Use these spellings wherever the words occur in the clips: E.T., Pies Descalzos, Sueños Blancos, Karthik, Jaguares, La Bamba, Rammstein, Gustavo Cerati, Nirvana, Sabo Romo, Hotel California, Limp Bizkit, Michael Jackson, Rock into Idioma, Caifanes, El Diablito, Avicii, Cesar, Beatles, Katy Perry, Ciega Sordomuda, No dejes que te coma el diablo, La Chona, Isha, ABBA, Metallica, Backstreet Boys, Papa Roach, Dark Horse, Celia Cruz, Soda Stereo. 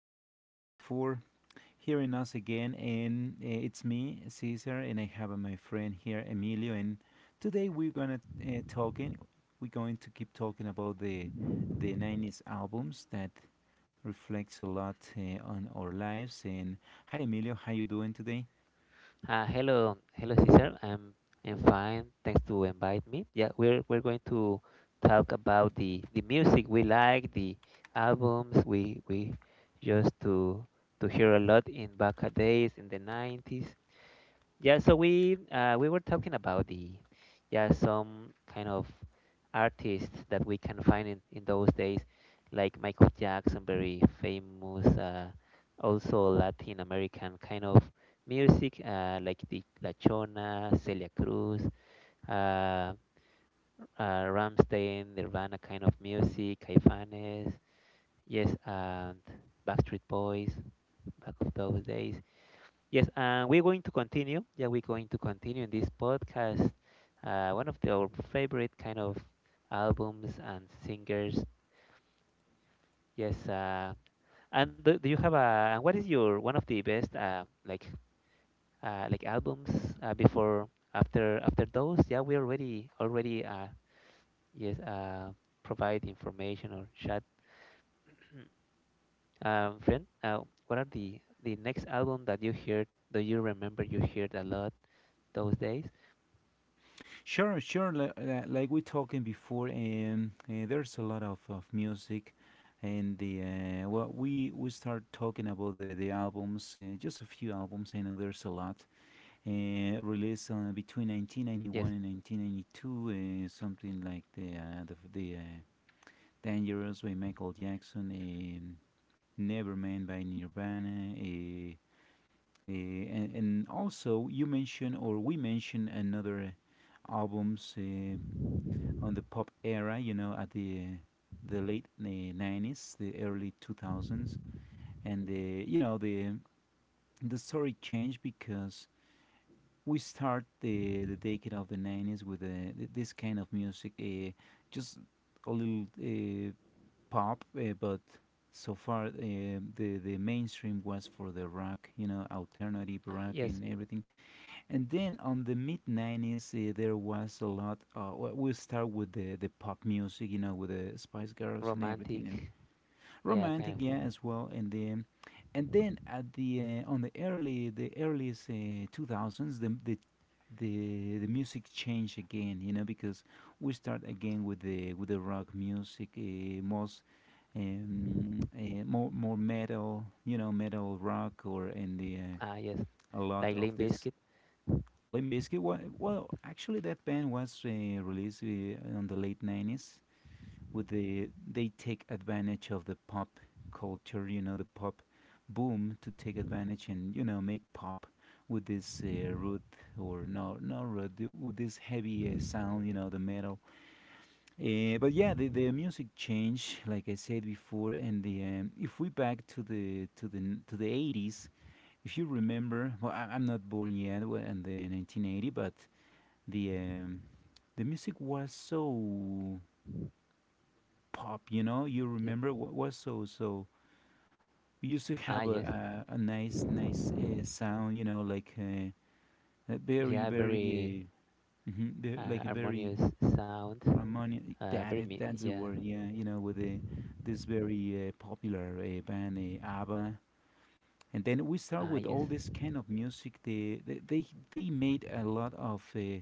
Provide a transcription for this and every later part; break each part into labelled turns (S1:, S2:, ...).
S1: thank you so much for hearing us again. And it's me, Cesar, and I have my friend here, Emilio. And today we're gonna talking. We're going to keep talking about the '90s albums that reflects a lot on our lives. And hi, Emilio, how you doing today?
S2: Hello, hello, Cesar. I'm fine. Thanks to invite me. Yeah, we're going to talk about the music we like, the albums we used to hear a lot in back days in the 90s. Yeah, so we were talking about the, yeah, some kind of artists that we can find in those days, like Michael Jackson, very famous, also Latin American kind of music, like the La Chona, Celia Cruz, uh, uh, Rammstein, Nirvana kind of music, Caifanes, yes, and Backstreet Boys back of those days. Yes, and we're going to continue. Yeah, we're going to continue in this podcast. One of our favorite kind of albums and singers. Yes, and do you have a? And what is your one of the best like albums before after those? Yeah, we already yes, provide information or chat. Friend, what are the next album that you heard? Do you remember you heard a lot those days?
S1: Sure, sure. Like we talking before, there's a lot of music, and the well, we start talking about the albums, just a few albums. I know there's a lot released between
S2: Yes,
S1: 1991 and 1992, something like the Dangerous by Michael Jackson, Nevermind by Nirvana, and also you mentioned or we mentioned another albums. On the pop era, you know, at the late 90s, the early 2000s, and the you know the story changed because we start the decade of the 90s with this kind of music, just a little pop, but so far the mainstream was for the rock, you know, alternative rock
S2: yes.
S1: and everything. And then on the mid 90s, there was a lot. We'll start with the pop music, you know, with the Spice Girls and everything, and
S2: Romantic, yeah, kind
S1: romantic,
S2: of.
S1: yeah, as well. And then at the on the early the earliest 2000s, the music changed again, you know, because we start again with the rock music, most more metal, you know, metal rock, or and the
S2: Ah, yes,
S1: a lot
S2: like
S1: of
S2: Limp
S1: this
S2: Bizkit.
S1: Limp Bizkit. Well, actually, that band was released on the late 90s with they take advantage of the pop culture, you know, the pop boom to take advantage and, you know, make pop with this root, or no, no root, with this heavy sound, you know, the metal. But yeah, the music changed, like I said before, and the if we back to the 80s. If you remember, well, I'm not born yet, well, in the 1980, but the um, the music was so pop. You know,
S2: Mhm.
S1: you
S2: Yep.
S1: remember what was so so. We used to
S2: Ah,
S1: have
S2: yes.
S1: a nice sound. You know, like a very
S2: Yeah, very
S1: very like a very
S2: harmonious sound.
S1: harmonious. That is- that's the
S2: Yeah.
S1: word. Yeah, you know, with the this very popular band ABBA. And then we start
S2: Ah,
S1: with
S2: yes.
S1: all this kind of music. They made a lot of.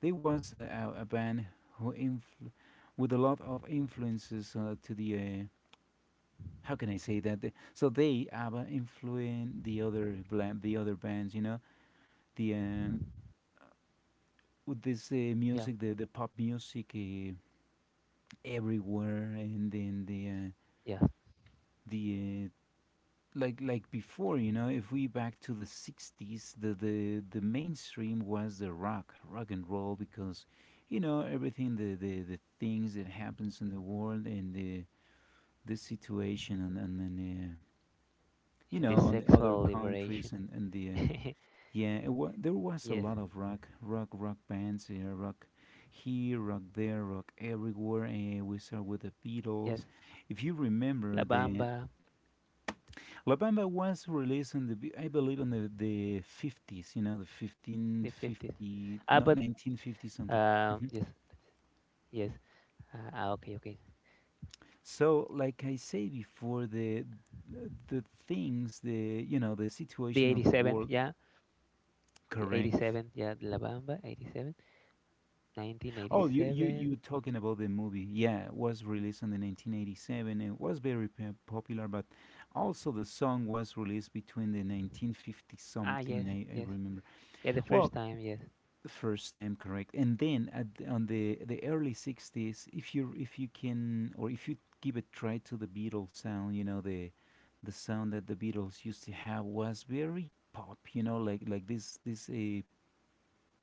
S1: There was a band who influ- with a lot of influences to the how can I say that? So they ABBA influenced the other the other bands, you know, the with this
S2: Yeah,
S1: music, the pop music everywhere, and then
S2: yeah,
S1: the like before, you know, if we back to the '60s, the mainstream was the rock, rock and roll, because you know everything the things that happens in the world, and the this situation, and then you
S2: yeah.
S1: know,
S2: The
S1: on the other
S2: sexual liberation.
S1: countries, and the yeah, there was a
S2: Yes,
S1: lot of rock, rock, rock bands. Yeah, rock here, rock there, rock everywhere, and we start with the
S2: yes.
S1: Beatles. If you remember
S2: La
S1: the
S2: Bamba,
S1: La Bamba, was released in I believe in the 50s, you know, the
S2: the 50s.
S1: 1550,
S2: Ah,
S1: not
S2: but
S1: 1950 something. hmm
S2: yes, yes. Okay, okay.
S1: so, like I say before, the things, the you know, the
S2: The
S1: situation of the
S2: 87th,
S1: world,
S2: yeah. The
S1: correct.
S2: 87th, yeah. La Bamba, 87, nineteen eighty
S1: Oh,
S2: seven,
S1: you talking about the movie? Yeah, it was released in the 1987. It was very popular, but also the song was released between the 1950
S2: Ah,
S1: something.
S2: yes,
S1: I
S2: yes.
S1: remember.
S2: Yeah, the first
S1: Well,
S2: time, yes.
S1: the first time, correct, and then at on the early 60s, if you can, or if you give a try to the Beatles sound, you know the sound that the Beatles used to have was very pop. You know, like this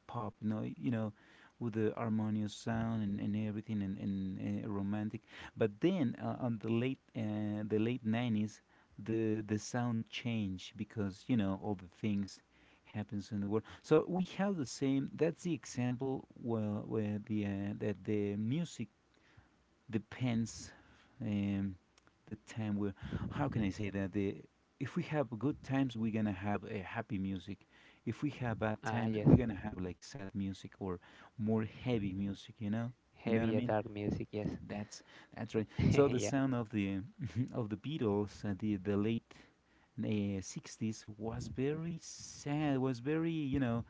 S1: pop, you know, with the harmonious sound and everything and romantic. But then on the late 90s, the sound changed because you know all the things happens in the world. So we have the same. That's the example where the that the music depends, um, the time we're. How can I say that? The If we have good times, we're gonna have a happy music. If we have bad
S2: Ah,
S1: times,
S2: yes.
S1: we're gonna have like sad music, or more heavy music. You know, what I
S2: Heavy,
S1: mean?
S2: dark music, yes.
S1: That's that's right. So the
S2: Yeah,
S1: sound of the of the Beatles at the late uh, 60s was very sad. Was very, you know,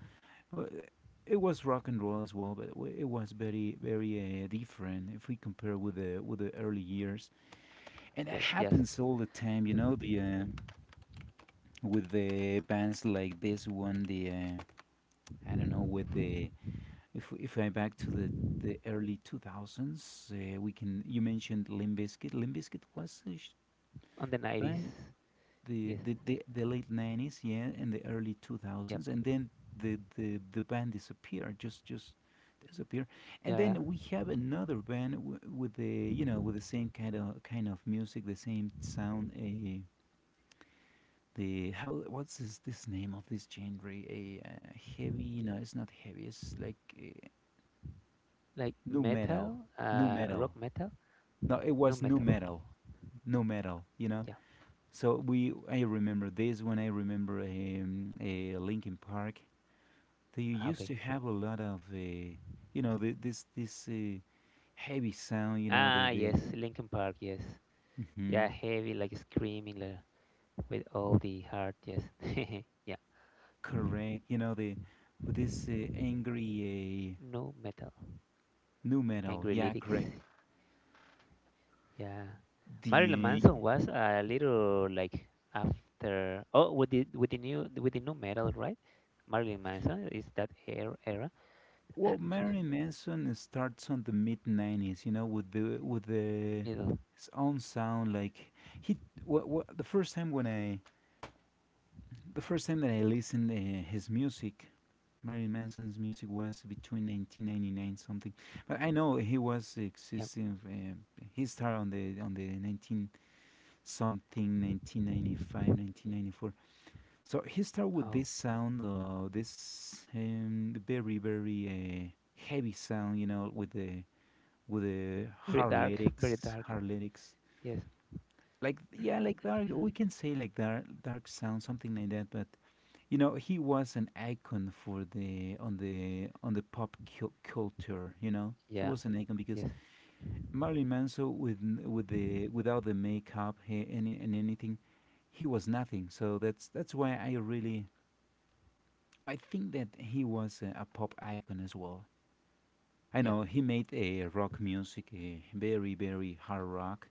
S1: uh, it was rock and roll as well, but it was very very different if we compare with the early years. And that
S2: yeah, yes.
S1: happens all the time, you know, the with the bands like this one, the I don't know, with the if I back to the early 2000s, we can, you mentioned Limp Bizkit. Limp Bizkit was a
S2: On the 90s,
S1: band,
S2: yes,
S1: the late 90s, yeah, and the early two
S2: yep,
S1: thousands, and then the band disappeared, just disappeared, and
S2: yeah.
S1: then we have another band with, the, you know, with the same kind of music, the same sound. The how what's this name of this genre? A heavy? You know, it's not heavy. It's like
S2: Like
S1: new metal,
S2: metal,
S1: new metal.
S2: rock metal,
S1: No, it
S2: no
S1: was new
S2: metal,
S1: metal, new metal. You know.
S2: yeah.
S1: So, I remember this one. I remember a Linkin Park. They
S2: Ah,
S1: used
S2: okay.
S1: to have a lot of, you know, this heavy sound. You know,
S2: Ah, yes,
S1: the
S2: Linkin Park, yes.
S1: hmm
S2: Yeah, heavy, like screaming like, with all the heart, yes. Yeah,
S1: correct. You know, the with this angry
S2: no metal.
S1: new metal.
S2: Angry
S1: Yeah,
S2: lyrics,
S1: correct.
S2: yeah. Marilyn
S1: The
S2: Manson was a little like after, oh, with the new metal, right? Marilyn Manson is that era.
S1: well, Marilyn Manson starts on the mid '90s. You know, with the
S2: Middle.
S1: his own sound. Like he, wha wha the first time when I The first time that I listened his music, Marilyn Manson's music, was between 1999 something. But I know he was
S2: Yeah.
S1: existing. He started on the 19 something, 1995, 1994. So he started with
S2: Oh,
S1: this sound, this very very heavy sound, you know, with the
S2: very
S1: hard
S2: dark, very
S1: lyrics,
S2: dark.
S1: hard lyrics.
S2: Yes.
S1: Like yeah, like dark. We can say like dark, dark sound, something like that. But you know he was an icon for the on the on the pop culture, you know, he
S2: Yeah.
S1: was an icon, because
S2: Yes.
S1: Marilyn Manson with with the without the makeup, and anything, he was nothing. So that's why I really I think that he was a pop icon as well. I
S2: Yeah.
S1: know he made a rock music, a very very hard rock,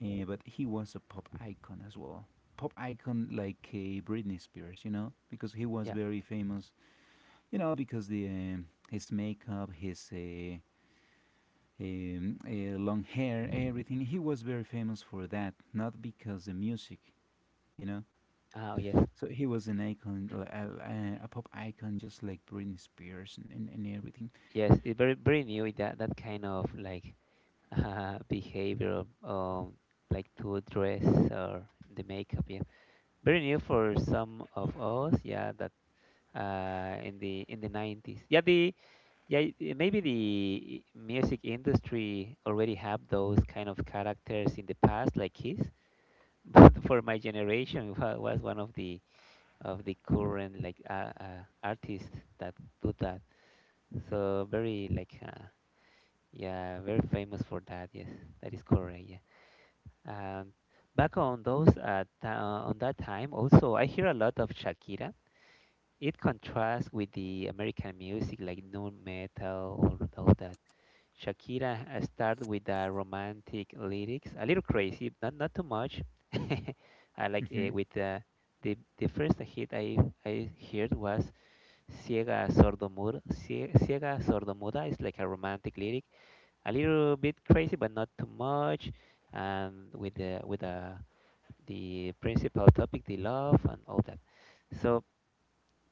S1: but he was a pop icon as well. Pop icon like Britney Spears, you know, because he was
S2: Yeah.
S1: very famous. You know, because the his makeup, his long hair, everything. He was very famous for that, not because the music, you know.
S2: Oh, yes.
S1: So he was an icon, a pop icon, just like Britney Spears and everything.
S2: Yes. It's very very new that kind of like behavior, um like to dress or the makeup. Yeah. Very new for some of us. Yeah. That in the 90s. Yeah, the yeah y- eh, maybe the music industry already have those kind of characters in the past, like Kiss. But for my generation, was one of the current like artists that do that. So very like yeah, very famous for that. Yes, that is correct. Yeah. Um, Back on that time, also I hear a lot of Shakira. It contrasts with the American music like nu metal or all that. Shakira started with the romantic lyrics, a little crazy, not too much. I like
S1: Hmm.
S2: with the first hit I heard was Ciega Sordomuda. Ciega Sordomuda is like a romantic lyric, a little bit crazy but not too much, and with the principal topic, the love and all that. So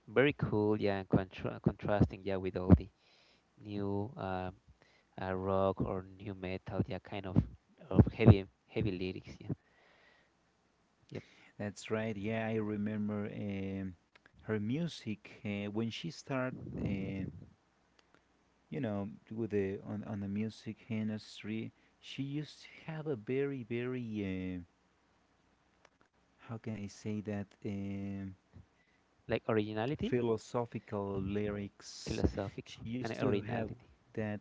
S2: very cool, yeah, and contrasting, yeah, with all the new rock or new metal, yeah, kind of heavy heavy lyrics, yeah, yep,
S1: That's right. Yeah, I remember her music when she started, uh, you know, with the on the music industry. She used to have a very very how can I say that? Um
S2: like originality,
S1: philosophical lyrics. She
S2: philosophical, and
S1: used to have
S2: originality,
S1: that,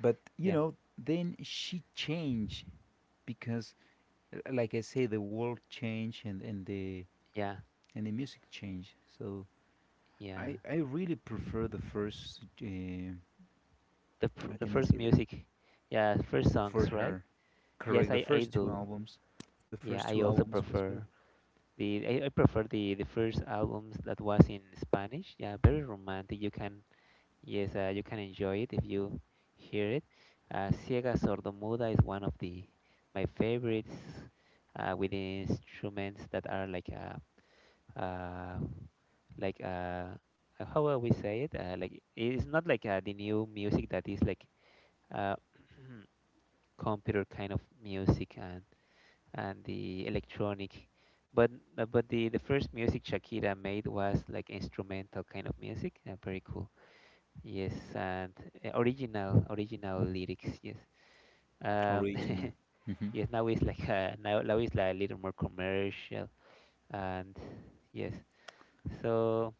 S1: but you
S2: yeah,
S1: know, then she changed because, like I say, the world changed and the
S2: yeah,
S1: and the music changed. So
S2: yeah.
S1: I really prefer the first.
S2: The pr-
S1: How
S2: the
S1: can I
S2: first
S1: say that
S2: music, yeah, first
S1: for
S2: songs, right?
S1: her?
S2: Yes,
S1: Correct. The
S2: I
S1: first two
S2: do,
S1: albums,
S2: yeah, I also
S1: was
S2: prefer.
S1: very
S2: I prefer the first albums that was in Spanish. Yeah, very romantic. You can Yes, you can enjoy it if you hear it. Ciega Sordomuda is one of the my favorites with instruments that are uh, like how will we say it? Like it's not like the new music that is like uh, computer kind of music and the electronic, but but the first music Shakira made was like instrumental kind of music. Very cool. Yes, and original original lyrics. Yes. Um,
S1: original. Hmm.
S2: yes. Now it's like now it's like a little more commercial. And yes. So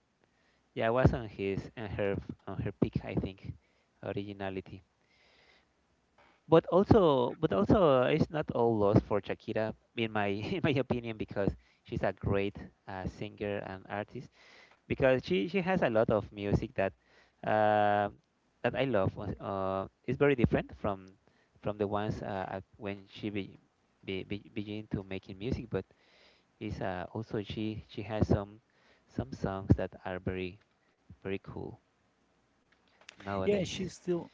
S2: yeah, I was on her peak, I think, originality. But also, it's not all lost for Shakira, in my in my opinion, because she's a great singer and artist. Because she has a lot of music that uh, that I love. It's very different from the ones when she be begin to making music, but is also she has some songs that are very very cool
S1: Yeah,
S2: nowadays.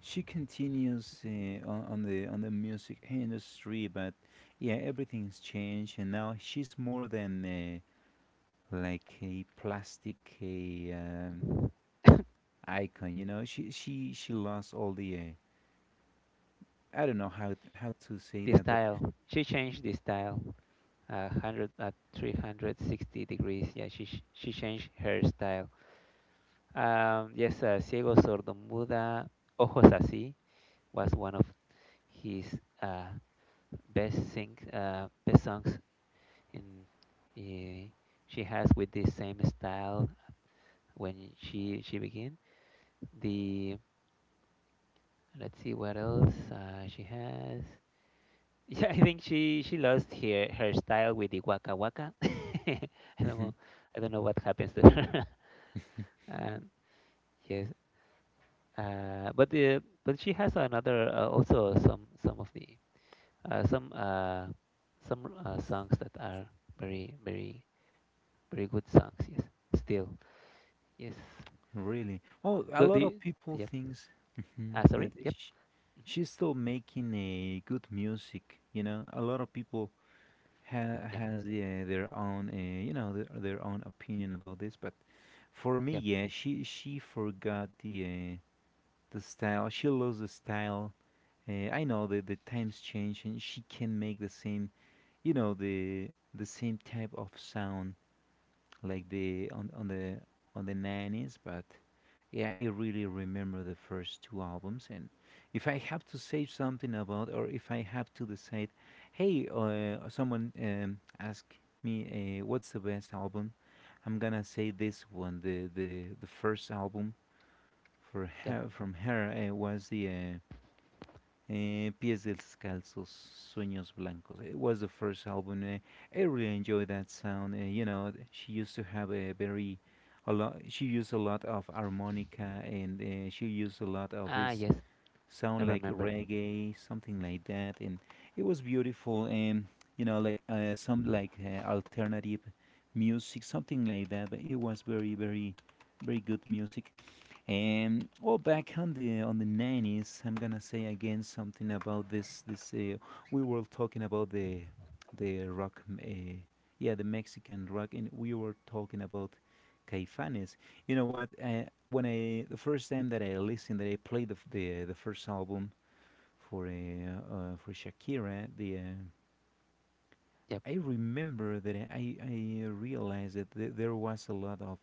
S1: She continues
S2: Mhm.
S1: on the music industry, but yeah, everything's changed, and now she's more than like a plastic icon. You know, she lost all the I don't know how to say
S2: The
S1: that, but
S2: style, she changed the style 100 at 360 degrees. Yeah, she changed her style. Yes, Ciego Sordo Muda, Ojos Así was one of his uh, best sing best songs in. eh, she has with this same style when she begin. The Let's see what else she has. Yeah, I think she lost her style with the waka waka. I don't
S1: Mhm.
S2: know, I don't know what happens to her. And yes, but she has another, also some of the, uh, some uh, some songs that are very very very good songs, yes, still, yes.
S1: Really, well, a lot of
S2: The
S1: people
S2: Yep.
S1: thinks mhm,
S2: Ah,
S1: that
S2: sorry, yep.
S1: sh
S2: Mhm.
S1: she's still making a good music. You know, a lot of people
S2: Yeah,
S1: has their own, you know, their own opinion about this. But for me,
S2: yep,
S1: yeah, she forgot the style. She lost the style. I know that the times change, and she can make the same, you know, the same type of sound like the on the 90s, but yeah, I really remember the first two albums. And if I have to say something about, or if I have to decide, hey, someone ask me what's the best album, I'm gonna say this one, the first album for
S2: yep.
S1: her, from her was the Pies Descalzos, Sueños Blancos. It was the first album. I really enjoyed that sound. You know, she used to have a very, a lot. She used a lot of harmonica, and she used a lot of
S2: Ah,
S1: this
S2: yes,
S1: sound
S2: I
S1: like
S2: remember.
S1: reggae, something like that, and it was beautiful. And you know, some alternative music, something like that. But it was very good music. Well, back on the nineties, I'm gonna say again something about this. We were talking about the rock, yeah, the Mexican rock, and we were talking about Caifanes. You know what? When I the first time that I listened, that I played the the first album for uh, for Shakira, the
S2: Yep.
S1: I remember that I realized that there was a lot of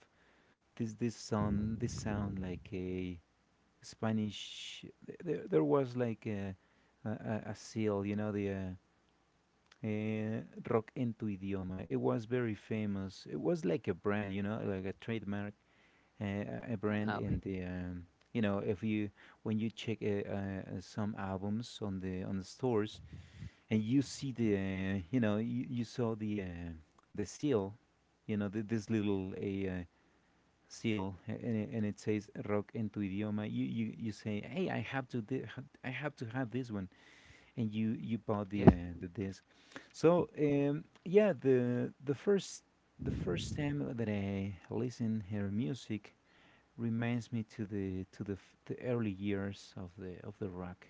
S1: this this sound, this sound like a Spanish. There, there was like a, a seal, you know, the uh, rock en tu idioma. It was very famous. It was like a brand, you know, like a trademark, a brand
S2: Ah,
S1: in
S2: okay,
S1: the. You know, if you when you check some albums on the stores, and you see the you know, you saw the seal, you know this little a seal, and it says rock en tu idioma. You, you say, hey, I have to I have to have this one. And you bought
S2: yes.
S1: the disc. So yeah, the first time that I listen her music reminds me to the the early years of the rock.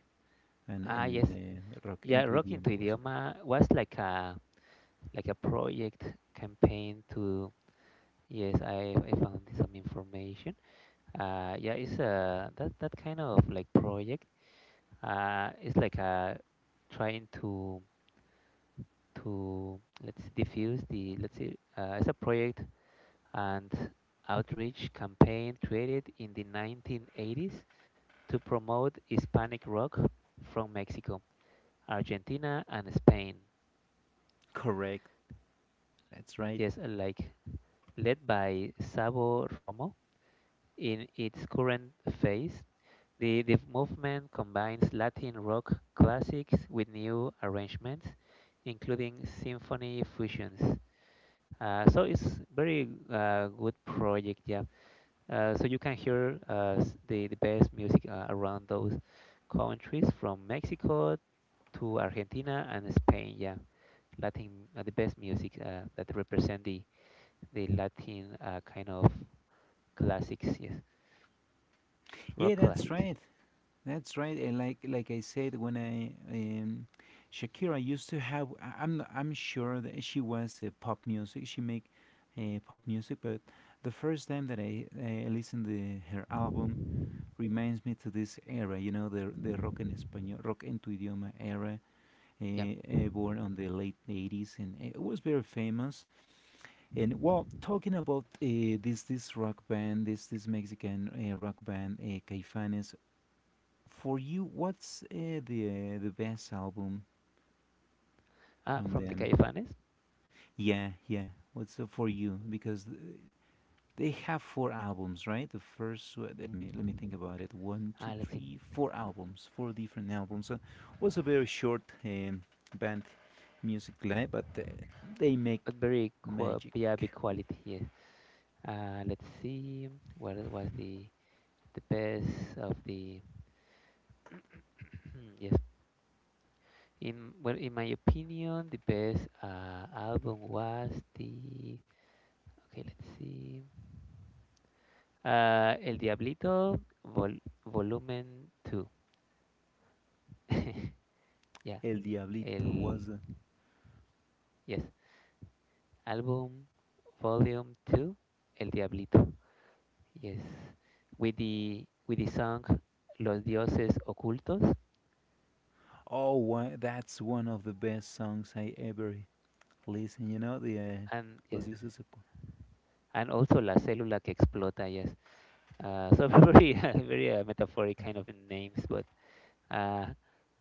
S1: and
S2: Ah,
S1: and
S2: yes.
S1: uh, rock en
S2: Yeah,
S1: tu
S2: rock into
S1: idioma was right.
S2: idioma was like a project campaign to. Yes, I found some information. Yeah, it's a that kind of like project. It's like a, trying to, let's diffuse the. Let's see, it's a project and outreach campaign created in the 1980s to promote Hispanic rock from Mexico, Argentina, and Spain.
S1: Correct, that's right.
S2: Yes, like led by Sabo Romo in its current phase. The movement combines Latin rock classics with new arrangements, including symphony fusions. So it's very good project, yeah. So you can hear the best music around those countries from Mexico to Argentina and Spain. Yeah, Latin, the best music that represent the Latin kind of classics, yes, rock
S1: Yeah, that's
S2: classics.
S1: right. That's right. And like I said, when I Shakira used to have, I'm I'm sure that she was pop music. She make pop music, but the first time that I listened to her album reminds me to this era. You know, the rock en español, rock en tu idioma era,
S2: Yeah,
S1: born on the late '80s, and it was very famous. And well, talking about this rock band, this Mexican rock band, Caifanes. For you, what's the best album from
S2: from the
S1: them?
S2: Caifanes.
S1: Yeah, yeah. What's for you? Because they have four albums, right? The first, let me think about it. One, two,
S2: Let's see,
S1: three, four albums, four different albums. Was a very short band music live, but they make
S2: but very qua
S1: magic
S2: yeah, big
S1: with
S2: quality. Yes. Let's see, what was the best of the. Yes. In well, in my opinion, the best album was the okay. Let's see. El Diablito Volumen 2. Yeah.
S1: El Diablito.
S2: El
S1: Was
S2: Yes. Album Volume 2. El Diablito. Yes. With the song Los Dioses Ocultos.
S1: oh, that's one of the best songs I ever listen. You know the
S2: And
S1: Los
S2: yes,
S1: Dioses.
S2: and also La Célula que Explota. Yes. So very, metaphoric kind of names, but. Uh,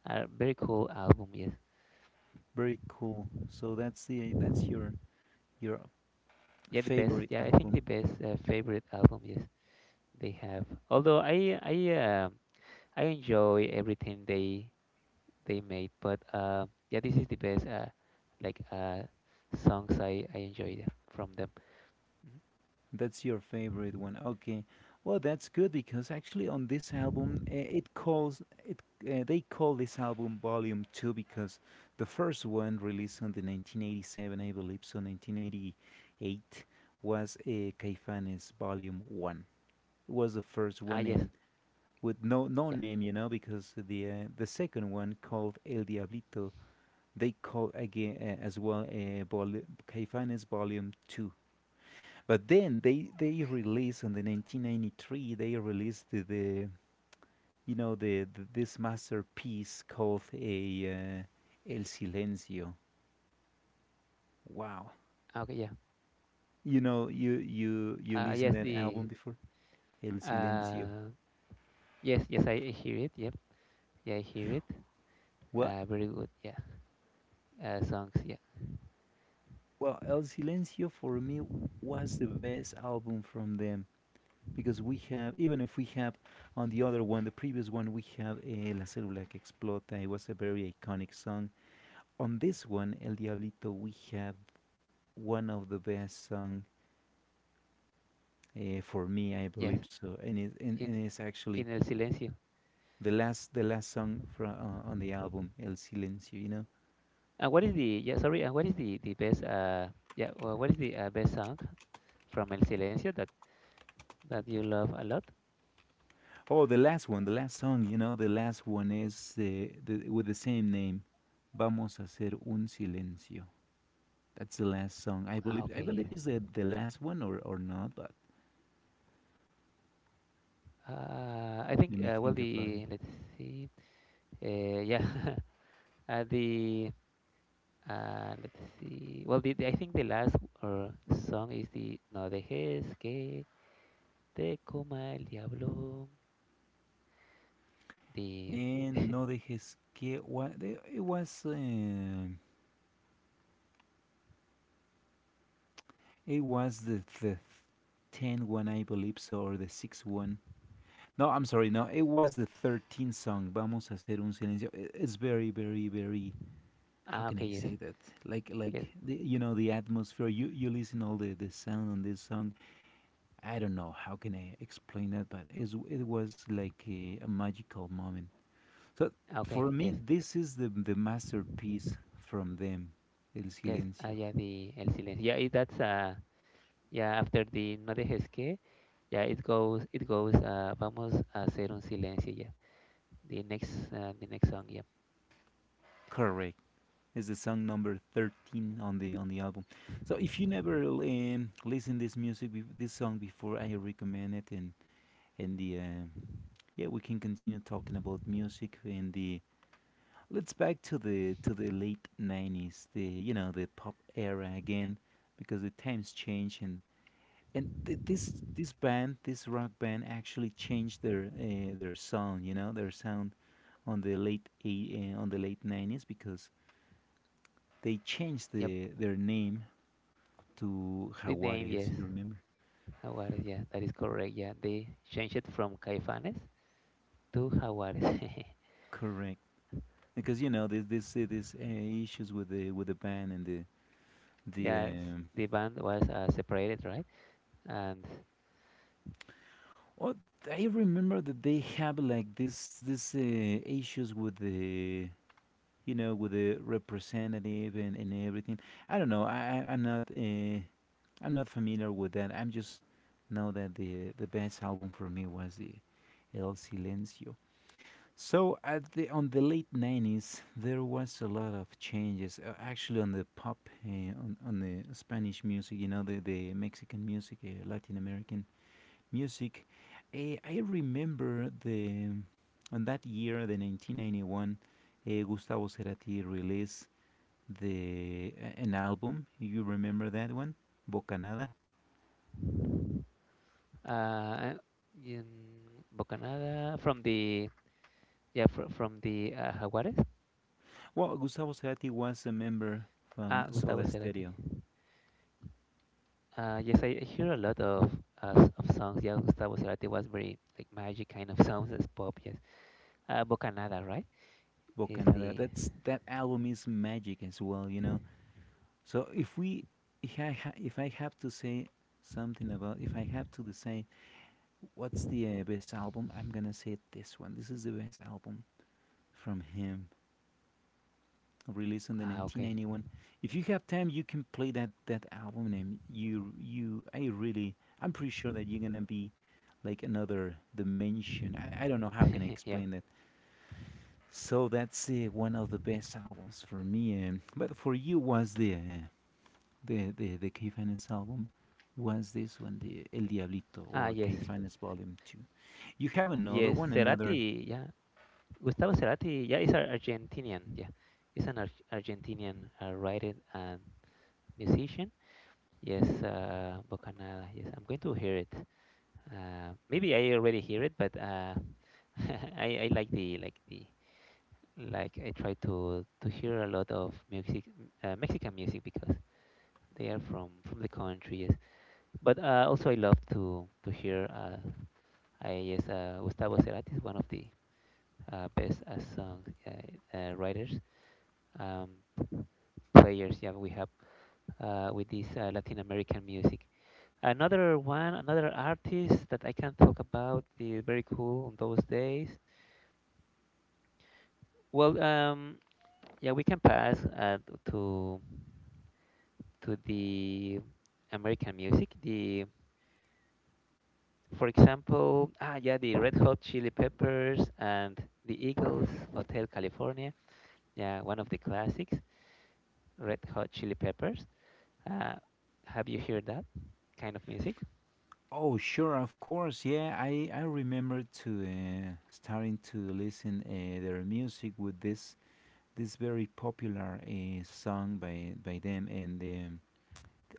S2: a very cool album, yes.
S1: Very cool. So that's the that's your
S2: Yeah, the best.
S1: favorite
S2: Yeah, I think the
S1: album.
S2: best favorite album, yes, they have. Although I enjoy everything they made, but yeah, this is the best like songs I enjoy from them. Mhm.
S1: That's your favorite one. Okay. Well, that's good because actually on this album it calls it they call this album Volume 2 because the first one released on the 1987, I believe, so 1988 was a Caifanes Volume 1. It was the first
S2: Ah,
S1: one
S2: yes,
S1: and with no no
S2: yeah.
S1: name, you know, because the second one called El Diablito. They call again as well Caifanes Volume 2. But then they released in the 1993, they released the, you know, the this masterpiece called a El Silencio. Wow.
S2: Okay, yeah.
S1: You know, you listen
S2: Yes,
S1: that album
S2: the
S1: before? El Silencio.
S2: uh yes, yes, I hear it. Yep. Yeah, I hear it.
S1: Well,
S2: Very good. Yeah. Songs, yeah.
S1: well, El Silencio for me was the best album from them. Because we have, even if we have on the other one, the previous one, we have la célula que explota. It was a very iconic song. On this one, el diablito, we have one of the best song, for me, I believe
S2: Yes.
S1: so. and it and,
S2: In,
S1: and it's actually
S2: El Silencio.
S1: the last, the last song from on the album el silencio, you know.
S2: Uh, what is the yeah sorry uh, what is the the best uh what is the best song from El Silencio that you love a lot?
S1: Oh, the last one, the last song, you know the last one is the, with the same name, vamos a hacer un silencio. That's the last song.
S2: Ah,
S1: I
S2: okay,
S1: believe
S2: yes.
S1: it's the last one or not, but
S2: I think,
S1: let me
S2: well,
S1: think about
S2: the
S1: it.
S2: let's see, yeah, the let's see, well, I think the last uh, song is the No dejes que te coma el diablo, the.
S1: And no dejes que it was the tenth one I believe so, or the sixth one. No, I'm sorry. No, it was the 13th song. Vamos a hacer un silencio. It's very very very, how
S2: Ah,
S1: can
S2: okay,
S1: I
S2: yes.
S1: say that?
S2: Yes.
S1: Like the, you know the atmosphere. You listen all the sound on this song. I don't know how can I explain that, but it's, it was like a magical moment. So
S2: Ah, okay,
S1: for me,
S2: yes.
S1: this is the masterpiece from them, El
S2: Yes, ah,
S1: Silencio.
S2: yeah, the El Silencio, yeah. That's Yeah, after the No dejes que, yeah, it goes, vamos a hacer un silencio, yeah. The next song, yeah.
S1: Correct. It's the song number 13 on the album. So if you never listen this music, this song before, I recommend it. And the yeah, we can continue talking about music and the. Let's back to the late 90s, the you know the pop era again, because the times change and this this band, this rock band, actually changed their sound, you know, their sound on the on the late 90s, because they changed
S2: Yep,
S1: the their name to
S2: the name,
S1: Jaguares.
S2: yes,
S1: You remember?
S2: Jaguares, yeah, that is correct, yeah. They changed it from Caifanes to Jaguares.
S1: Correct, because you know there's this issues with the band and the the.
S2: Yeah, the band was separated, right? And
S1: Well, I remember that they have like this issues with the you know with the representative and everything. I don't know. I'm not. I'm not familiar with that. I'm just know that the best album for me was the El Silencio. So at the on the late 90s, there was a lot of changes. Actually, on the pop, on the Spanish music, you know, the Mexican music, Latin American music. I remember the on that year, the 1991, Gustavo Cerati released the an album. You remember that one, Bocanada?
S2: uh, in Bocanada from the, yeah, fr from the Jaguares.
S1: Well, Gustavo Cerati was a member from
S2: Ah, Gustavo
S1: Soda
S2: Cerati.
S1: Stereo.
S2: Yes, I hear a lot of songs. Yeah, Gustavo Cerati was very like magic kind of songs as pop. Yes, Bocanada, right? Is
S1: Bocanada.
S2: the
S1: That's, that album is magic as well, you know. So if we, if I, if I have to say something about, if I have to decide what's the best album, I'm gonna say this one. This is the best album from him, released in the
S2: Ah, okay.
S1: 1991. If you have time, you can play that that album, and I really, I'm pretty sure that you're gonna be like another dimension. I don't know how can I
S2: Yeah.
S1: explain that. So that's one of the best albums for me. But for you, was the the Caifanes album? Was this one the El Diablito
S2: Ah,
S1: or
S2: yes,
S1: Caifanes Volume Two? You have
S2: yes.
S1: another one, another.
S2: Cerati, yeah. Gustavo Cerati, yeah, is an Argentinian. Yeah, he's an Ar Argentinian writer and musician. Yes, Bocanada. Yes, I'm going to hear it. Maybe I already hear it, but I like the like the like I try to hear a lot of music, Mexican music because they are from the country. Yes. But also I love to hear. I Yes, Gustavo Cerati is one of the best song, writers, um, players. Yeah, we have with this Latin American music. Another one, another artist that I can talk about is very cool on those days. Well, yeah, we can pass to to the American music. For example, yeah, the Red Hot Chili Peppers and the Eagles, Hotel California. Yeah, one of the classics, Red Hot Chili Peppers. Uh, have you heard that kind of music?
S1: Oh, sure, of course, yeah. I remember to starting to listen their music with this this very popular song by them and. The.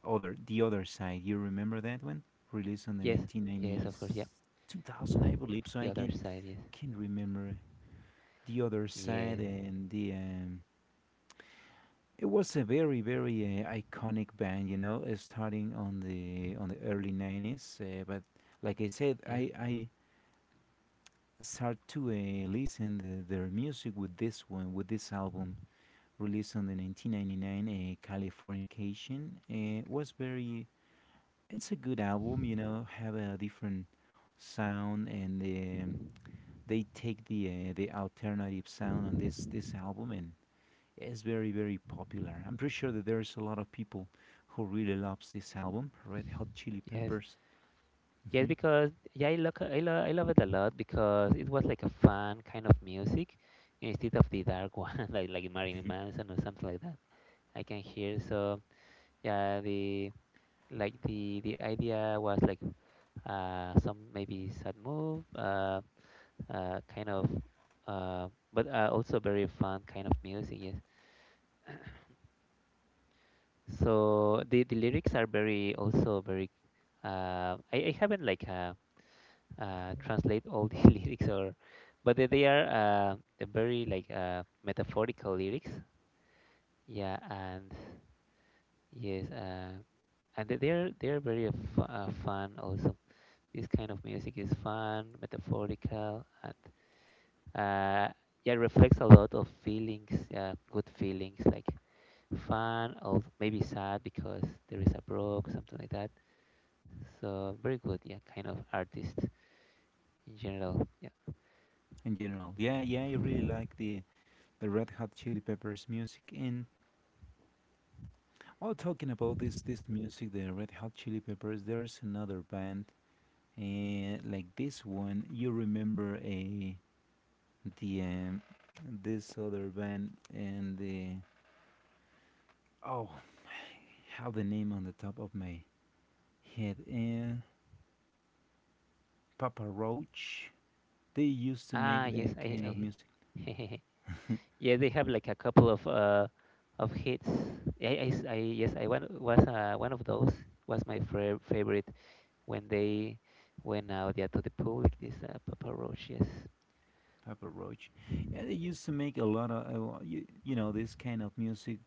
S1: Other, the other side. You remember that one? Released on the
S2: Yes, yes, of course, yeah.
S1: 1990s, 2000, I believe. So
S2: The
S1: I
S2: other side, yes,
S1: can remember the other side
S2: yes,
S1: and the. It was a very very iconic band, you know, starting on the early 90s. But like I said,
S2: yeah,
S1: I start to listen the, their music with this one with this album released on the 1999, californication, was very. It's a good album, you know, have a different sound, and they take the alternative sound on this this album, and it's very very popular. I'm pretty sure that there's a lot of people who really loves this album, Red Hot Chili
S2: yes,
S1: Peppers.
S2: yes.
S1: Hmm.
S2: Because yeah, I look, I, lo- I love it a lot because it was like a fun kind of music instead of the dark one, like Marilyn Manson or something like that. I can hear. So yeah, the like the idea was like some maybe sad move, kind of uh but also very fun kind of music. Yes. So the lyrics are very, also very. I haven't, like, translate all the lyrics, or, but they're very, like, metaphorical lyrics. Yeah, and yes, and they're very f fun also. This kind of music is fun, metaphorical, and uh, yeah, it reflects a lot of feelings, good feelings like fun, or maybe sad because there is a broke, something like that. So very good, yeah, kind of artist in general. Yeah.
S1: In general. Yeah, yeah, I really like the Red Hot Chili Peppers music. And while talking about this this music, the Red Hot Chili Peppers, there's another band, and like this one, you remember a the this other band and the, oh. have the name on the top of my head. And Papa Roach. They used to
S2: Ah,
S1: make
S2: yes,
S1: the kind of music.
S2: I yeah, they have like a couple of of hits. Yeah, yes, I one was one of those was my favorite when they went out, yeah, to the public. This Papa Roach, yes.
S1: Papa Roach, yeah, they used to make a lot of you, you know this kind of music.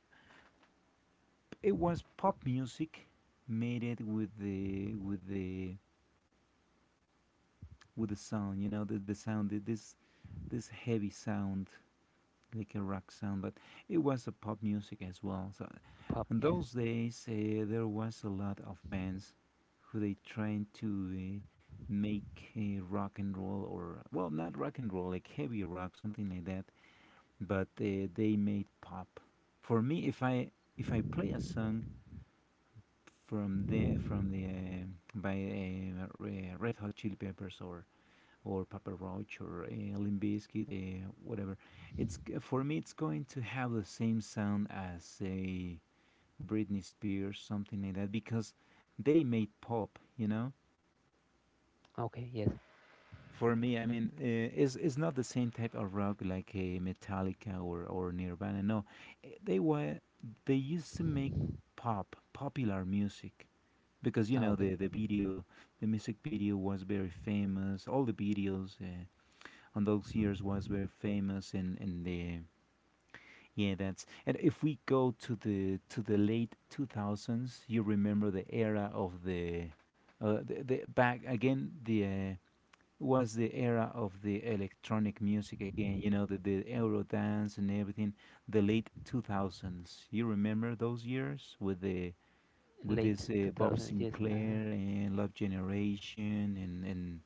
S1: It was pop music, made it with the with the with the sound. You know the sound, this this heavy sound like a rock sound, but it was a pop music as well. So
S2: Pop,
S1: in
S2: yes.
S1: those days, there was a lot of bands who they tried to make rock and roll, or well, not rock and roll, like heavy rock, something like that. But they made pop. For me, if I play a song from the by Red Hot Chili Peppers, or Papa Roach, or Limp Bizkit, whatever. It's, for me, it's going to have the same sound as a Britney Spears, something like that, because they made pop, you know.
S2: Okay, yes.
S1: For me, I mean, it's not the same type of rock like a Metallica or Nirvana. No, they were they used to make pop, popular music, because you
S2: Ah,
S1: know
S2: okay.
S1: the video, the music video was very famous. All the videos. On those years was very famous in the. Yeah, that's, and if we go to the late 2000s, you remember the era of the back again the was the era of the electronic music again, you know the euro dance and everything, the late 2000s, you remember those years with the with
S2: Late
S1: this bob
S2: 2000s, yes. Uh,
S1: sinclair and love generation and and.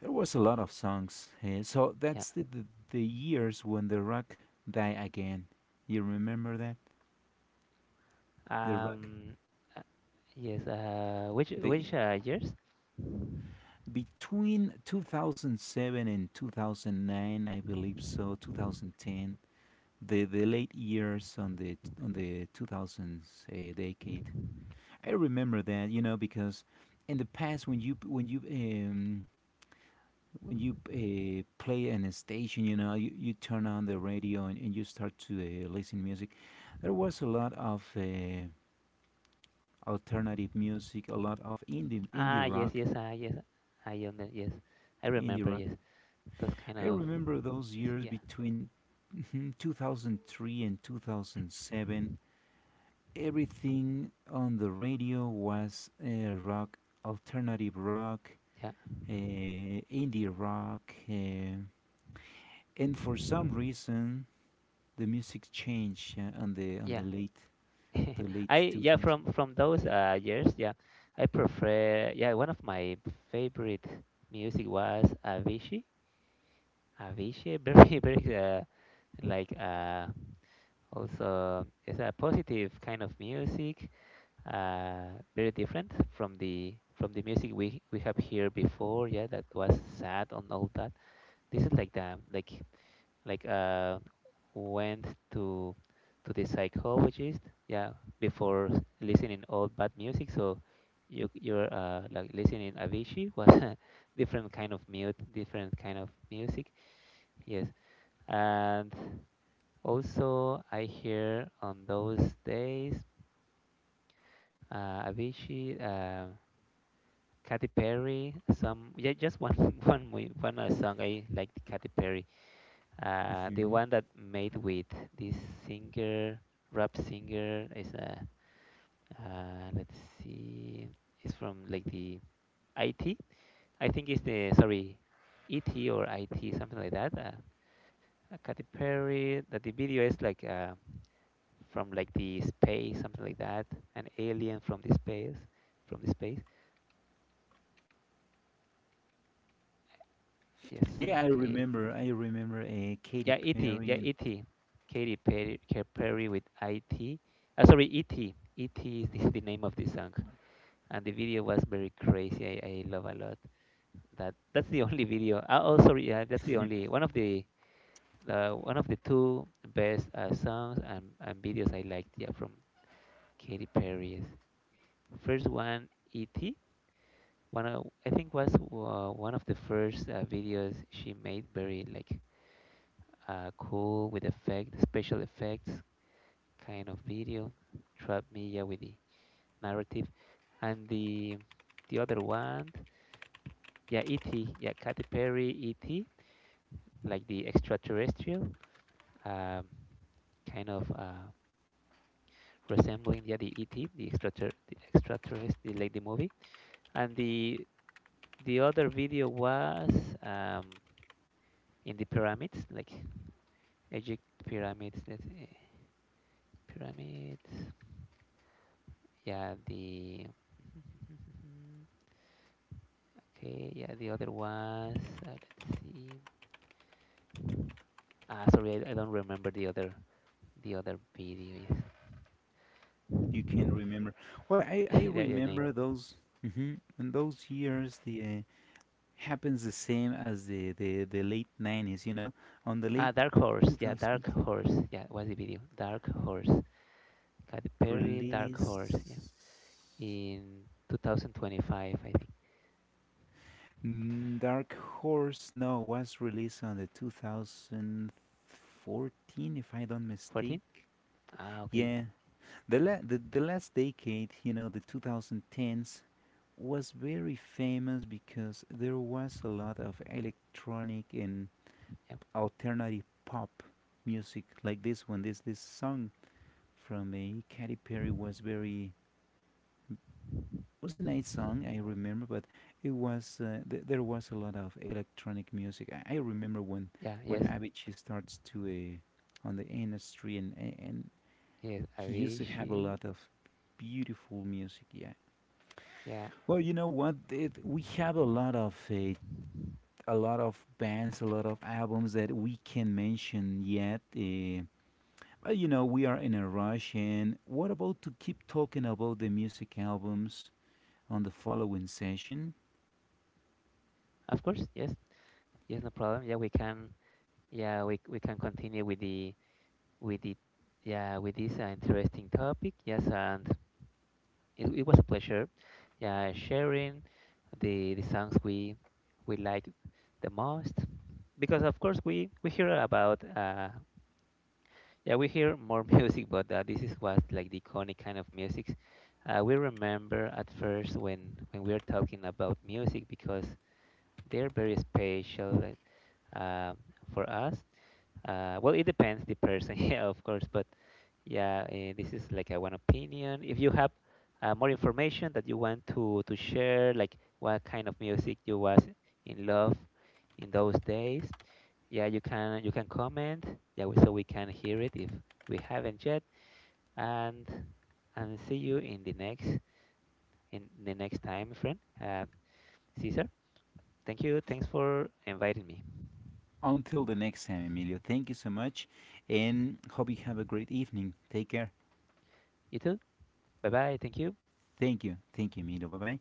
S1: There was a lot of songs. So
S2: yeah.
S1: that's the years when the rock died again. You remember that the rock
S2: Um, uh, yes. Uh, which
S1: the
S2: which years?
S1: between 2007 and 2009, I believe so, 2010, the late years on the 2000s decade. I remember that, you know, because in the past, when you when you when you play in a station, you know, you turn on the radio and you start to listen music. There was a lot of alternative music, a lot of indie
S2: Ah, yes,
S1: rock,
S2: yes, yes. I under yes. I
S1: indie
S2: remember,
S1: rock.
S2: yes. Those kind
S1: I
S2: of
S1: remember those
S2: yes,
S1: years
S2: yeah,
S1: between 2003 and 2007. Everything on the radio was rock, alternative rock,
S2: yeah,
S1: indie rock, and for some reason the music changed on
S2: yeah.
S1: the
S2: I
S1: late
S2: yeah
S1: 2000s.
S2: from those years, yeah. I prefer, yeah. One of my favorite music was Avicii. Avicii, very, very, like, also, it's a positive kind of music, very different from the music we have here before. Yeah, that was sad and all that. This is like the like went to to the psychologist. Yeah, before listening all bad music, so you're, like, listening Avicii, was a different kind of mute, different kind of music. Yes, and also I hear on those days Avicii, Katy Perry. Some yeah, just one one song I liked, Katy Perry. The
S1: Hmm.
S2: one that made with this singer, rap singer, is a let's see, it's from like the I T. I think it's the, sorry, E.T. or I.T., something like that. Katy Perry. That the video is like, from like the space, something like that. An alien from the space, from the space. Yes,
S1: Yeah, I
S2: okay.
S1: remember. I remember Katy
S2: Yeah, E.T. Yeah,
S1: Perry, and
S2: E.T. Katy Perry, Katy Perry, with I.T. Sorry, E.T. is the, the name of the song, and the video was very crazy. I love a lot that. That's the only video. Oh, sorry, yeah, that's the only one of the, one of the two best, songs, and videos I liked. Yeah, from Katy Perry's first one, E.T. I think was, one of the first, videos she made, very, like, cool, with effect, special effects, kind of video, trap media with the narrative, and the other one, yeah, E.T. Yeah, Katy Perry E.T., like the extraterrestrial, um, kind of, resembling, yeah, the E.T., the extraterrestrial, like the movie, and the other video was, um, in the pyramids, like Egypt pyramids, let's see, pyramids, yeah, the, okay, yeah, the other was, let's see. Ah, sorry, I don't remember the other, the other video is,
S1: you can remember. Well, I I
S2: the other name.
S1: remember those. Hmm. In those years, the happens the same as the late 90s. You know, on the
S2: Ah,
S1: late
S2: Dark Horse. Yeah, Dark
S1: 2000s
S2: Horse. Yeah, what's the video? Dark Horse. Katy Perry, Dark Horse. Yeah,
S1: release.
S2: in 2025, I think.
S1: Mm, Dark Horse, no, was released on the 2014, if I don't
S2: 14.
S1: mistake.
S2: Ah, okay.
S1: Yeah. The, the last decade, you know, the 2010s, was very famous because there was a lot of electronic and
S2: Yeah.
S1: alternative pop music like this one. This song from a Katy Perry was very, was a nice song I remember, but it was there was a lot of electronic music. I remember
S2: Yeah.
S1: when
S2: Yes.
S1: Avicii starts to on the industry and
S2: Yes.
S1: he used to have a
S2: Avicii.
S1: lot of beautiful music. Yeah.
S2: Yeah.
S1: Well, you know what? It, we have a lot of bands, a lot of albums that we can mention yet. But you know, we are in a rush. And what about to keep talking about the music albums on the following session?
S2: Of course. Yes. Yes. No problem. Yeah, we can. Yeah, we can continue with the yeah, with this interesting topic. Yes, and it was a pleasure, yeah, sharing the songs we like the most, because of course we hear about, yeah, we hear more music, but this is what, like, the iconic kind of music, we remember at first when we are talking about music, because they're very special, like, uh, for us, well, it depends the person, yeah, of course, but yeah, this is like a one opinion. If you have, more information that you want to share, like what kind of music you was in love in those days, yeah, you can comment. Yeah, so we can hear it, if we haven't yet. And see you in the next time, my friend. Caesar, thank you. Thanks for inviting me.
S1: Until the next time, Emilio. Thank you so much, and hope you have a great evening. Take care.
S2: You too. Bye bye. Thank you.
S1: Thank you. Thank you, Emilio. Bye bye.